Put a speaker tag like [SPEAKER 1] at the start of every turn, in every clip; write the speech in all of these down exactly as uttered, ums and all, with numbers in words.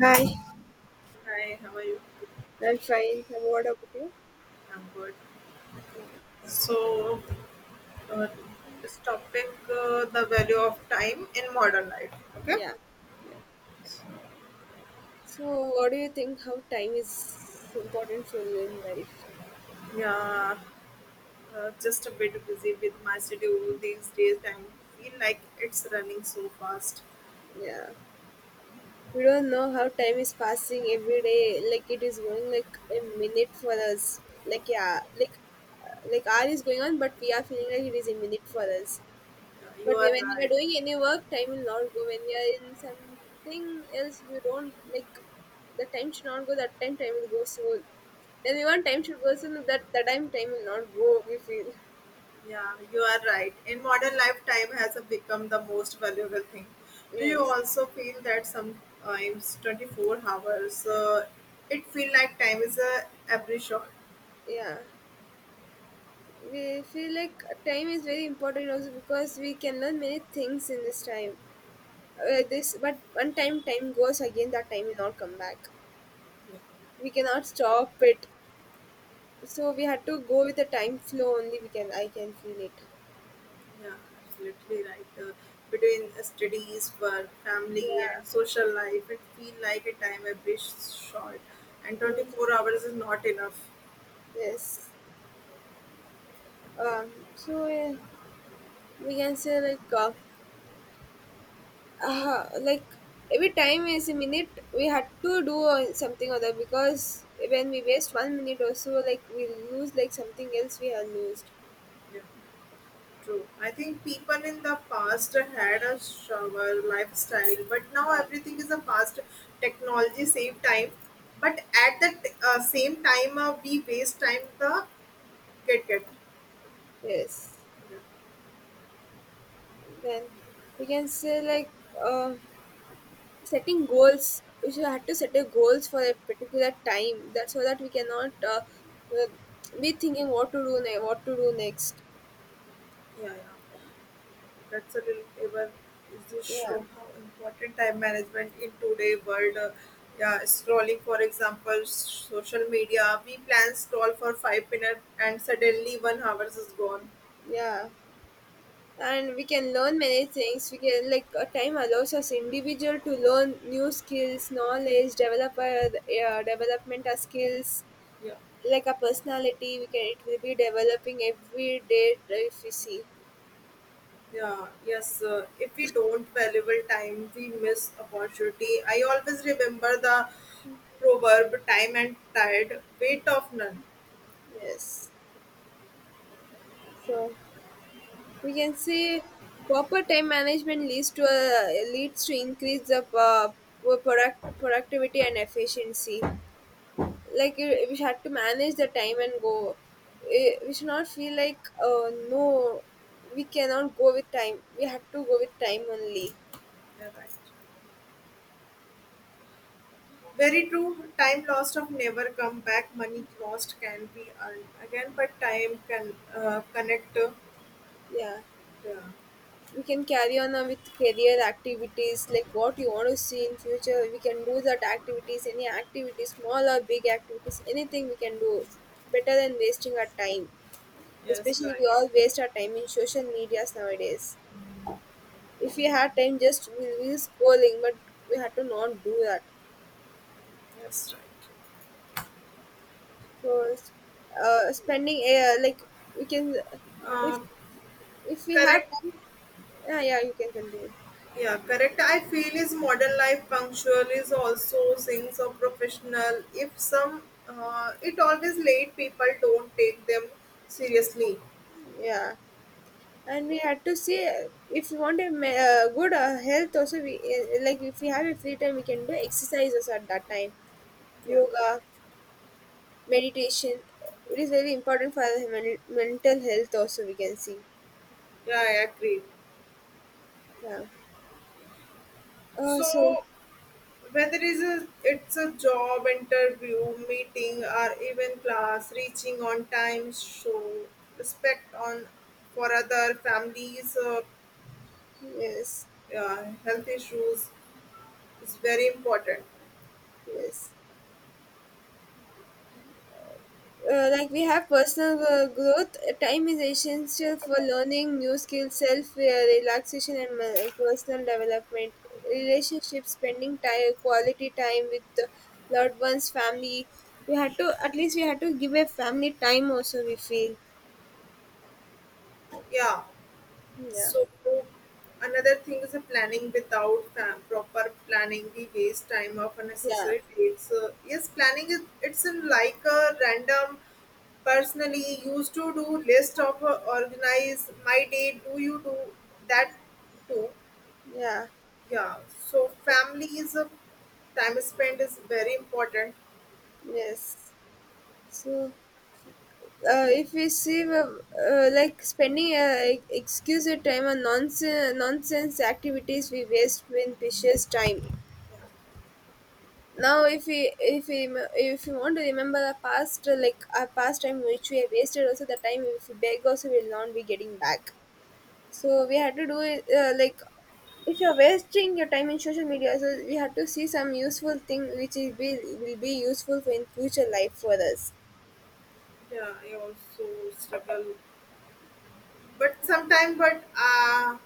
[SPEAKER 1] Hi,
[SPEAKER 2] Hi, how are you?
[SPEAKER 1] I'm fine. And what about you?
[SPEAKER 2] I'm good.
[SPEAKER 1] Yeah.
[SPEAKER 2] So, uh, this topic, uh, the value of time in modern life.
[SPEAKER 1] Yeah, yeah. So, what do you think? How time is important for you in life?
[SPEAKER 2] Yeah, uh, just a bit busy with my schedule these days, and feel like it's running so fast.
[SPEAKER 1] Yeah, we don't know how time is passing every day. Like it is going like a minute for us. Like yeah, like uh, like hour is going on, but we are feeling like it is a minute for us.
[SPEAKER 2] Yeah, you
[SPEAKER 1] But
[SPEAKER 2] are
[SPEAKER 1] we, when we
[SPEAKER 2] right.
[SPEAKER 1] are doing any work, time will not go. When we are in something else, we don't like the time should not go. That time, time will go. So then we want time should go. So no, that that time, time will not go. We feel
[SPEAKER 2] Yeah, you are right. In modern life, time has become the most valuable thing. Do you
[SPEAKER 1] yes,
[SPEAKER 2] also feel that sometimes twenty-four hours, uh, it feel like time is a every shot?
[SPEAKER 1] yeah. We feel like time is very important also because we can learn many things in this time. Uh, this but one time time goes again, that time will not come back. We cannot stop it. So we had to go with the time flow only. We can I can feel it.
[SPEAKER 2] Yeah, absolutely right. Uh, between studies, work, family,
[SPEAKER 1] Yeah.
[SPEAKER 2] and social life, it feel like a time a bit short, and
[SPEAKER 1] Mm.
[SPEAKER 2] twenty-four hours is not enough.
[SPEAKER 1] Yes. Um, so uh, we can say like uh, uh, like every time is a minute we had to do uh, something other because when we waste one minute or so, like we lose like something else we have lost.
[SPEAKER 2] Yeah, true. I think people in the past had a shower lifestyle, but now
[SPEAKER 1] Yeah.
[SPEAKER 2] everything is a fast technology save time. But at the t- uh, same time, uh, we waste time the get get.
[SPEAKER 1] Yes.
[SPEAKER 2] Yeah, yeah,
[SPEAKER 1] Then we can say like uh, setting goals. We should have to set a goals for a particular time that so that we cannot uh, uh, be thinking what to do ne- what to do next.
[SPEAKER 2] yeah. That's a relatable. Is this show
[SPEAKER 1] Yeah.
[SPEAKER 2] how important time management in today world? Uh, yeah, scrolling, for example, s- social media. We plan scroll for five minutes, and suddenly one hours is gone.
[SPEAKER 1] Yeah. And we can learn many things we can like, uh, time allows us individual to learn new skills knowledge develop our uh, development our skills
[SPEAKER 2] Yeah.
[SPEAKER 1] like a personality we can it will be developing every day if you see.
[SPEAKER 2] Yeah, yes. Uh, if we don't valuable time, we miss opportunity. I always remember the proverb: "Time and tide, wait of none."
[SPEAKER 1] Yes, so we can say proper time management leads to a leads to increase of uh, pro- product productivity and efficiency, like eh, we had to manage the time and go. Eh, we should not feel like uh, no, we cannot go with time, we had to go with time only.
[SPEAKER 2] Yeah, right. Very true. Time lost of never come back. Money lost can be earned again, but time can uh, connect. Uh,
[SPEAKER 1] Yeah,
[SPEAKER 2] yeah.
[SPEAKER 1] we can carry on uh, with career activities, like what you want to see in future we can do that activities, any activities small or big activities, anything we can do better than wasting our time,
[SPEAKER 2] Yes,
[SPEAKER 1] especially
[SPEAKER 2] right.
[SPEAKER 1] we all waste our time in social medias nowadays. If we had time just we will be scrolling, but we had to not do that.
[SPEAKER 2] Yes, right.
[SPEAKER 1] So, s- uh, Spending air like, we can, if
[SPEAKER 2] Um,
[SPEAKER 1] if we have
[SPEAKER 2] Correct.
[SPEAKER 1] time, yeah, yeah, you can continue.
[SPEAKER 2] Yeah, correct. I feel is modern life punctual is also things of professional. If some, uh, It always late. People don't take them seriously.
[SPEAKER 1] Yeah, and we had to see uh, if you want a ma- uh, good uh, health. Also, we uh, like if we have a free time, we can do exercises at that time,
[SPEAKER 2] Yeah.
[SPEAKER 1] yoga, meditation. It is very important for our men- mental health. Also, we can see.
[SPEAKER 2] Yeah, I agree.
[SPEAKER 1] Yeah. Uh, so
[SPEAKER 2] So whether is a, it's a job interview, meeting, or even class, reaching on time show respect on for other families, uh,
[SPEAKER 1] yes,
[SPEAKER 2] uh, health issues is very important.
[SPEAKER 1] yes. Uh, like we have personal uh, growth, time is essential for learning new skills, self uh, relaxation and ma- personal development, relationships, spending time, quality time with the loved ones, family. We had to, at least we had to give a family time also, we feel.
[SPEAKER 2] Yeah.
[SPEAKER 1] Yeah,
[SPEAKER 2] So another thing is a planning without fam- proper planning, we waste time of
[SPEAKER 1] yeah,
[SPEAKER 2] unnecessary dates. Uh, yes, planning is it's in like a random. Personally, used to do list of uh, organize my day. Do you do that too?
[SPEAKER 1] yeah,
[SPEAKER 2] Yeah. So family is a time spent is very important.
[SPEAKER 1] yes. So uh, if we see uh, uh, like spending uh, excuse time on nonsense nonsense activities, we waste when precious time. Now if we, if we rem- if you want to remember our past uh, like our past time which we have wasted, also the time if we beg also we will not be getting back. So we had to do it uh, like if you're wasting your time in social media, so we have to see some useful thing which is be, will be useful for in future life for us.
[SPEAKER 2] Yeah, I also struggle, but sometimes, but uh,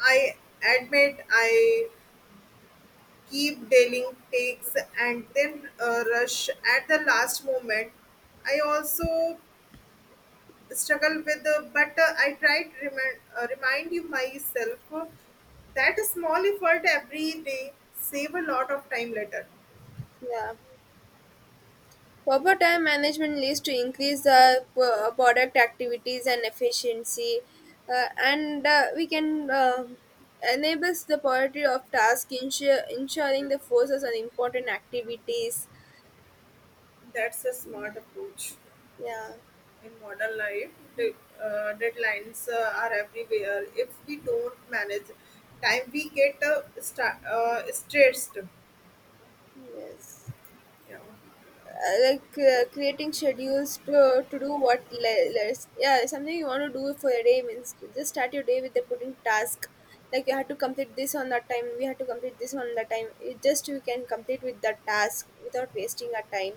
[SPEAKER 2] I admit I keep dealing takes and then uh, rush at the last moment. I also struggle with uh, but uh, I try to remind, uh, remind you myself uh, that a small effort every day save a lot of time later.
[SPEAKER 1] Yeah. Proper time management leads to increase the p- product activities and efficiency, uh, and uh, we can uh, enables the priority of task, ensure, ensuring the forces on important activities.
[SPEAKER 2] That's a smart approach
[SPEAKER 1] Yeah.
[SPEAKER 2] in modern life. de- uh, Deadlines uh, are everywhere. If we don't manage time we get uh, sta- uh, stressed.
[SPEAKER 1] Yes.
[SPEAKER 2] Yeah,
[SPEAKER 1] Uh, like uh, creating schedules to, to do what le- less yeah something you want to do for a day, means just start your day with the putting task, like you have to complete this on that time, we have to complete this on that time, it just you can complete with that task without wasting our time.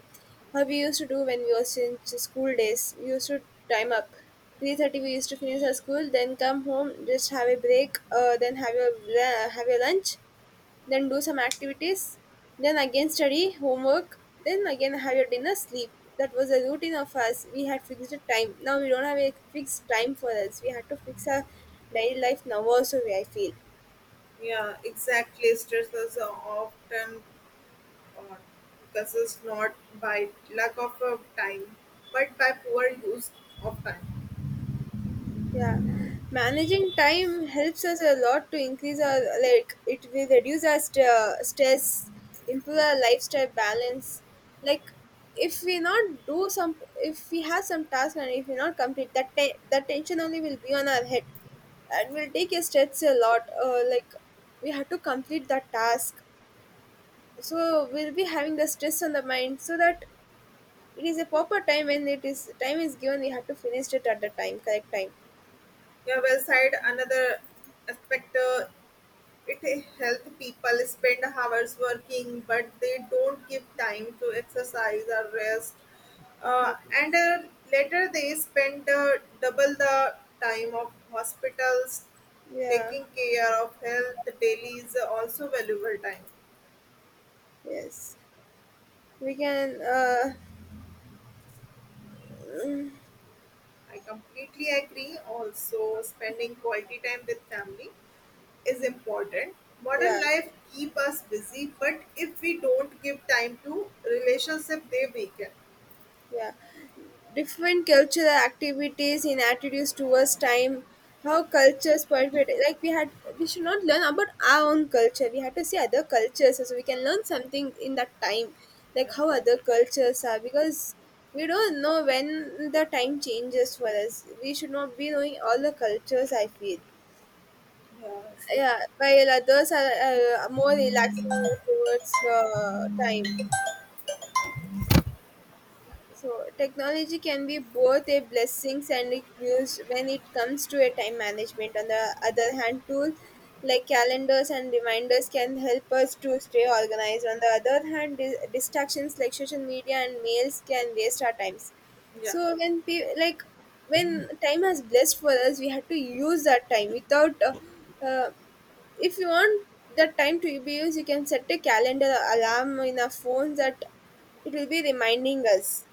[SPEAKER 1] How we used to do, when we was in ch- school days we used to time up, three thirty we used to finish our school, then come home just have a break, uh, then have your la- have your lunch, then do some activities, then again study, homework, then again have your dinner, sleep. That was a routine of us. We had fixed a time. Now we don't have a fixed time for us. We had to fix our daily life now also, I feel.
[SPEAKER 2] yeah, exactly. Stress is often Uh, this is not by lack of uh, time, but by poor use of time.
[SPEAKER 1] Yeah, managing time helps us a lot to increase our, like it will reduce our st- uh, stress, improve our lifestyle balance. Like if we not do some, if we have some task and if we not complete that, te- that tension only will be on our head, and will take a stress a lot. Uh, like we have to complete that task, so we'll be having the stress on the mind. So that it is a proper time when it is time is given, we have to finish it at the time, correct time.
[SPEAKER 2] Yeah, well said. Another aspect, uh, it helps people spend hours working, but they don't give time to exercise or rest. Uh, and uh, Later they spend uh, double the time of hospitals
[SPEAKER 1] Yeah.
[SPEAKER 2] taking care of health daily is also valuable time.
[SPEAKER 1] Yes, we can. Uh,
[SPEAKER 2] I completely agree. Also, spending quality time with family is important.
[SPEAKER 1] yeah,
[SPEAKER 2] Modern life keep us busy, but if we don't give time to relationship, they weaken.
[SPEAKER 1] yeah. Different cultural activities in attitudes towards time, how cultures participate. Like we had, we should not learn about our own culture. We have to see other cultures, so we can learn something in that time,
[SPEAKER 2] Yeah,
[SPEAKER 1] like how
[SPEAKER 2] right.
[SPEAKER 1] other cultures are. Because we don't know when the time changes for us, we should not be knowing all the cultures. I feel.
[SPEAKER 2] Yeah, so,
[SPEAKER 1] Yeah, while others are uh, more relaxing towards uh, time. So technology can be both a blessings and a use when it comes to a time management. On the other hand, tools like calendars and reminders can help us to stay organized. On the other hand, di- distractions like social media and mails can waste our times.
[SPEAKER 2] yeah,
[SPEAKER 1] So when pe- like when time has blessed for us, we had to use that time without. Uh, uh, if you want that time to be used, you can set a calendar alarm in our phones that it will be reminding us.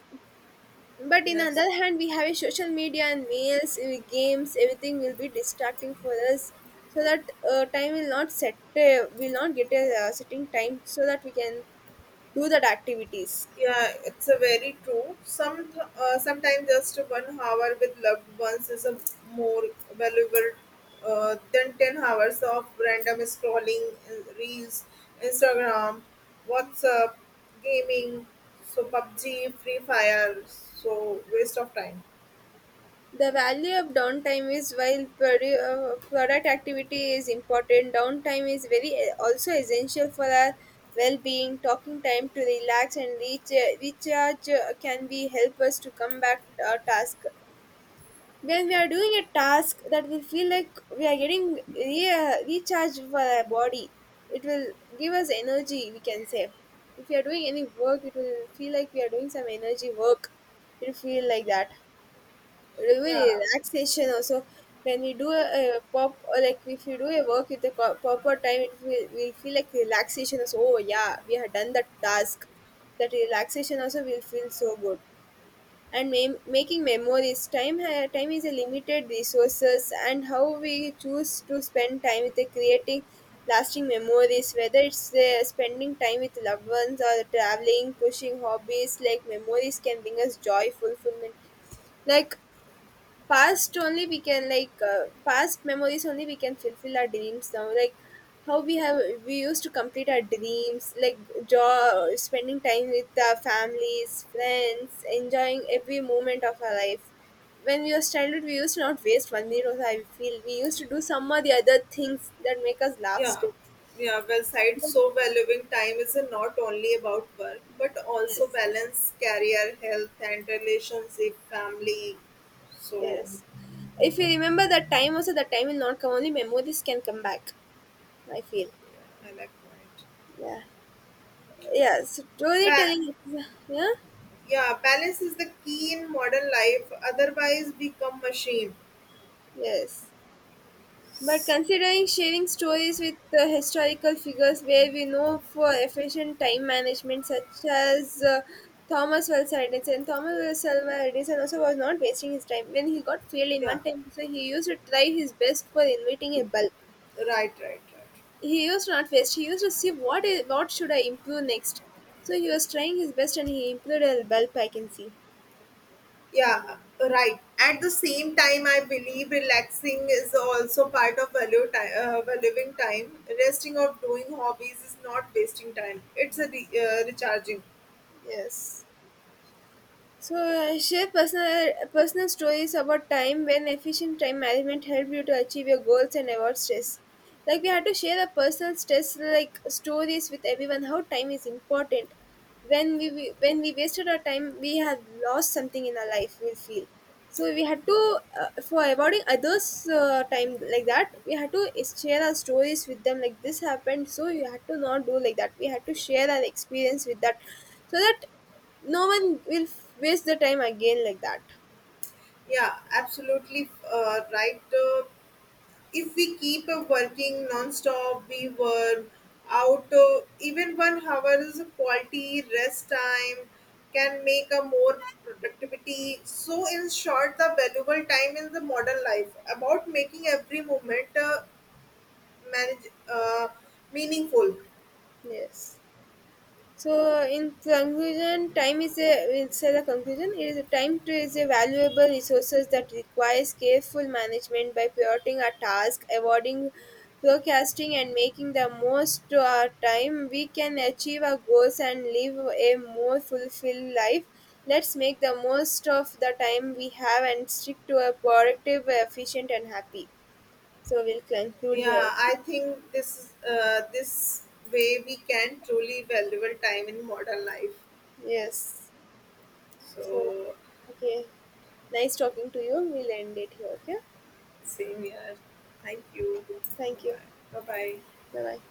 [SPEAKER 1] But in
[SPEAKER 2] yes.
[SPEAKER 1] other hand, we have a social media and mails, uh, games, everything will be distracting for us, so that uh, time will not set, uh, will not get a uh, setting time, so that we can do that activities.
[SPEAKER 2] Yeah, it's a very true. Some uh, sometimes just one hour with loved ones is a more valuable uh, than ten hours of random scrolling, uh, reels, Instagram, WhatsApp, gaming, so PUBG, Free Fire, so waste of time.
[SPEAKER 1] The value of downtime is, while produ- uh, product activity is important, downtime is very eh, also essential for our well-being. Talking time to relax and reach, recharge uh, can be help us to come back to our task. When we are doing a task, that will feel like we are getting re- uh, recharged for our body, it will give us energy we can say. If we are doing any work, it will feel like we are doing some energy work, it will feel like that, even
[SPEAKER 2] Yeah,
[SPEAKER 1] relaxation also. When we do a, a pop or like if you do a work with a co- proper time, it will we feel like relaxation also, oh yeah we have done that task, that relaxation also will feel so good. And ma- making memories, time ha- time is a limited resources, and how we choose to spend time with the creating lasting memories, whether it's uh, spending time with loved ones or traveling, pushing hobbies, like memories can bring us joy, fulfillment, like past only we can like uh, past memories only we can fulfill our dreams now, like how we have, we used to complete our dreams like job, spending time with our families, friends, enjoying every moment of our life. When we was childhood, we used to not waste one minute of, I feel, we used to do some of the other things that make us laugh
[SPEAKER 2] yeah,
[SPEAKER 1] still.
[SPEAKER 2] yeah. Well said. So valuing time is not only about work but also
[SPEAKER 1] Yes,
[SPEAKER 2] balance, career, health, and relationship, family. So
[SPEAKER 1] yes. If you remember that time also, that time will not come, only memories can come back, I feel.
[SPEAKER 2] yeah, I like point.
[SPEAKER 1] Yeah, yes,
[SPEAKER 2] Ba-
[SPEAKER 1] storytelling, yeah.
[SPEAKER 2] yeah, balance is the key in modern life. Otherwise, we become machines.
[SPEAKER 1] Yes, but considering sharing stories with uh, historical figures where we know for efficient time management, such as uh, Thomas Wells Edison, and Thomas Wells Edison also was not wasting his time when he got failed in
[SPEAKER 2] Yeah,
[SPEAKER 1] one time, so he used to try his best for inventing a bulb.
[SPEAKER 2] right, right, right.
[SPEAKER 1] He used to not waste. He used to see what is what should I improve next. So he was trying his best and he improved a bulb, I can see.
[SPEAKER 2] Yeah, right. At the same time, I believe relaxing is also part of value time, uh, valuing time. Resting or doing hobbies is not wasting time. It's a re- uh, recharging.
[SPEAKER 1] Yes. So uh, share personal personal stories about time when efficient time management helped you to achieve your goals and avoid stress. Like we had to share the personal stress like stories with everyone how time is important. When we we- when we wasted our time, we have lost something in our life, we feel. So we had to uh, for avoiding others uh, time like that, we had to share our stories with them like this happened. So you had to not do like that. We had to share our experience with that, so that no one will f- waste the time again like that.
[SPEAKER 2] Yeah, absolutely uh, right. Uh, if we keep uh, working non-stop we were out, uh, even one hour is a quality rest time can make a more productivity. So in short the valuable time in the modern life about making every moment uh, manage uh, meaningful.
[SPEAKER 1] Yes, so in conclusion, time is a, it's a, the conclusion, it is a time to is a valuable resources that requires careful management. By prioritizing our task, avoiding procrastinating and making the most to our time, we can achieve our goals and live a more fulfilled life. Let's make the most of the time we have and stick to a productive, efficient and happy. So we'll conclude
[SPEAKER 2] Yeah,
[SPEAKER 1] here.
[SPEAKER 2] I think this is uh, this way we can truly valuable time in modern life.
[SPEAKER 1] Yes. So,
[SPEAKER 2] So
[SPEAKER 1] okay. Nice talking to you. We'll end it here. Okay.
[SPEAKER 2] same here, thank you,
[SPEAKER 1] Thank you.
[SPEAKER 2] bye bye.
[SPEAKER 1] Bye bye.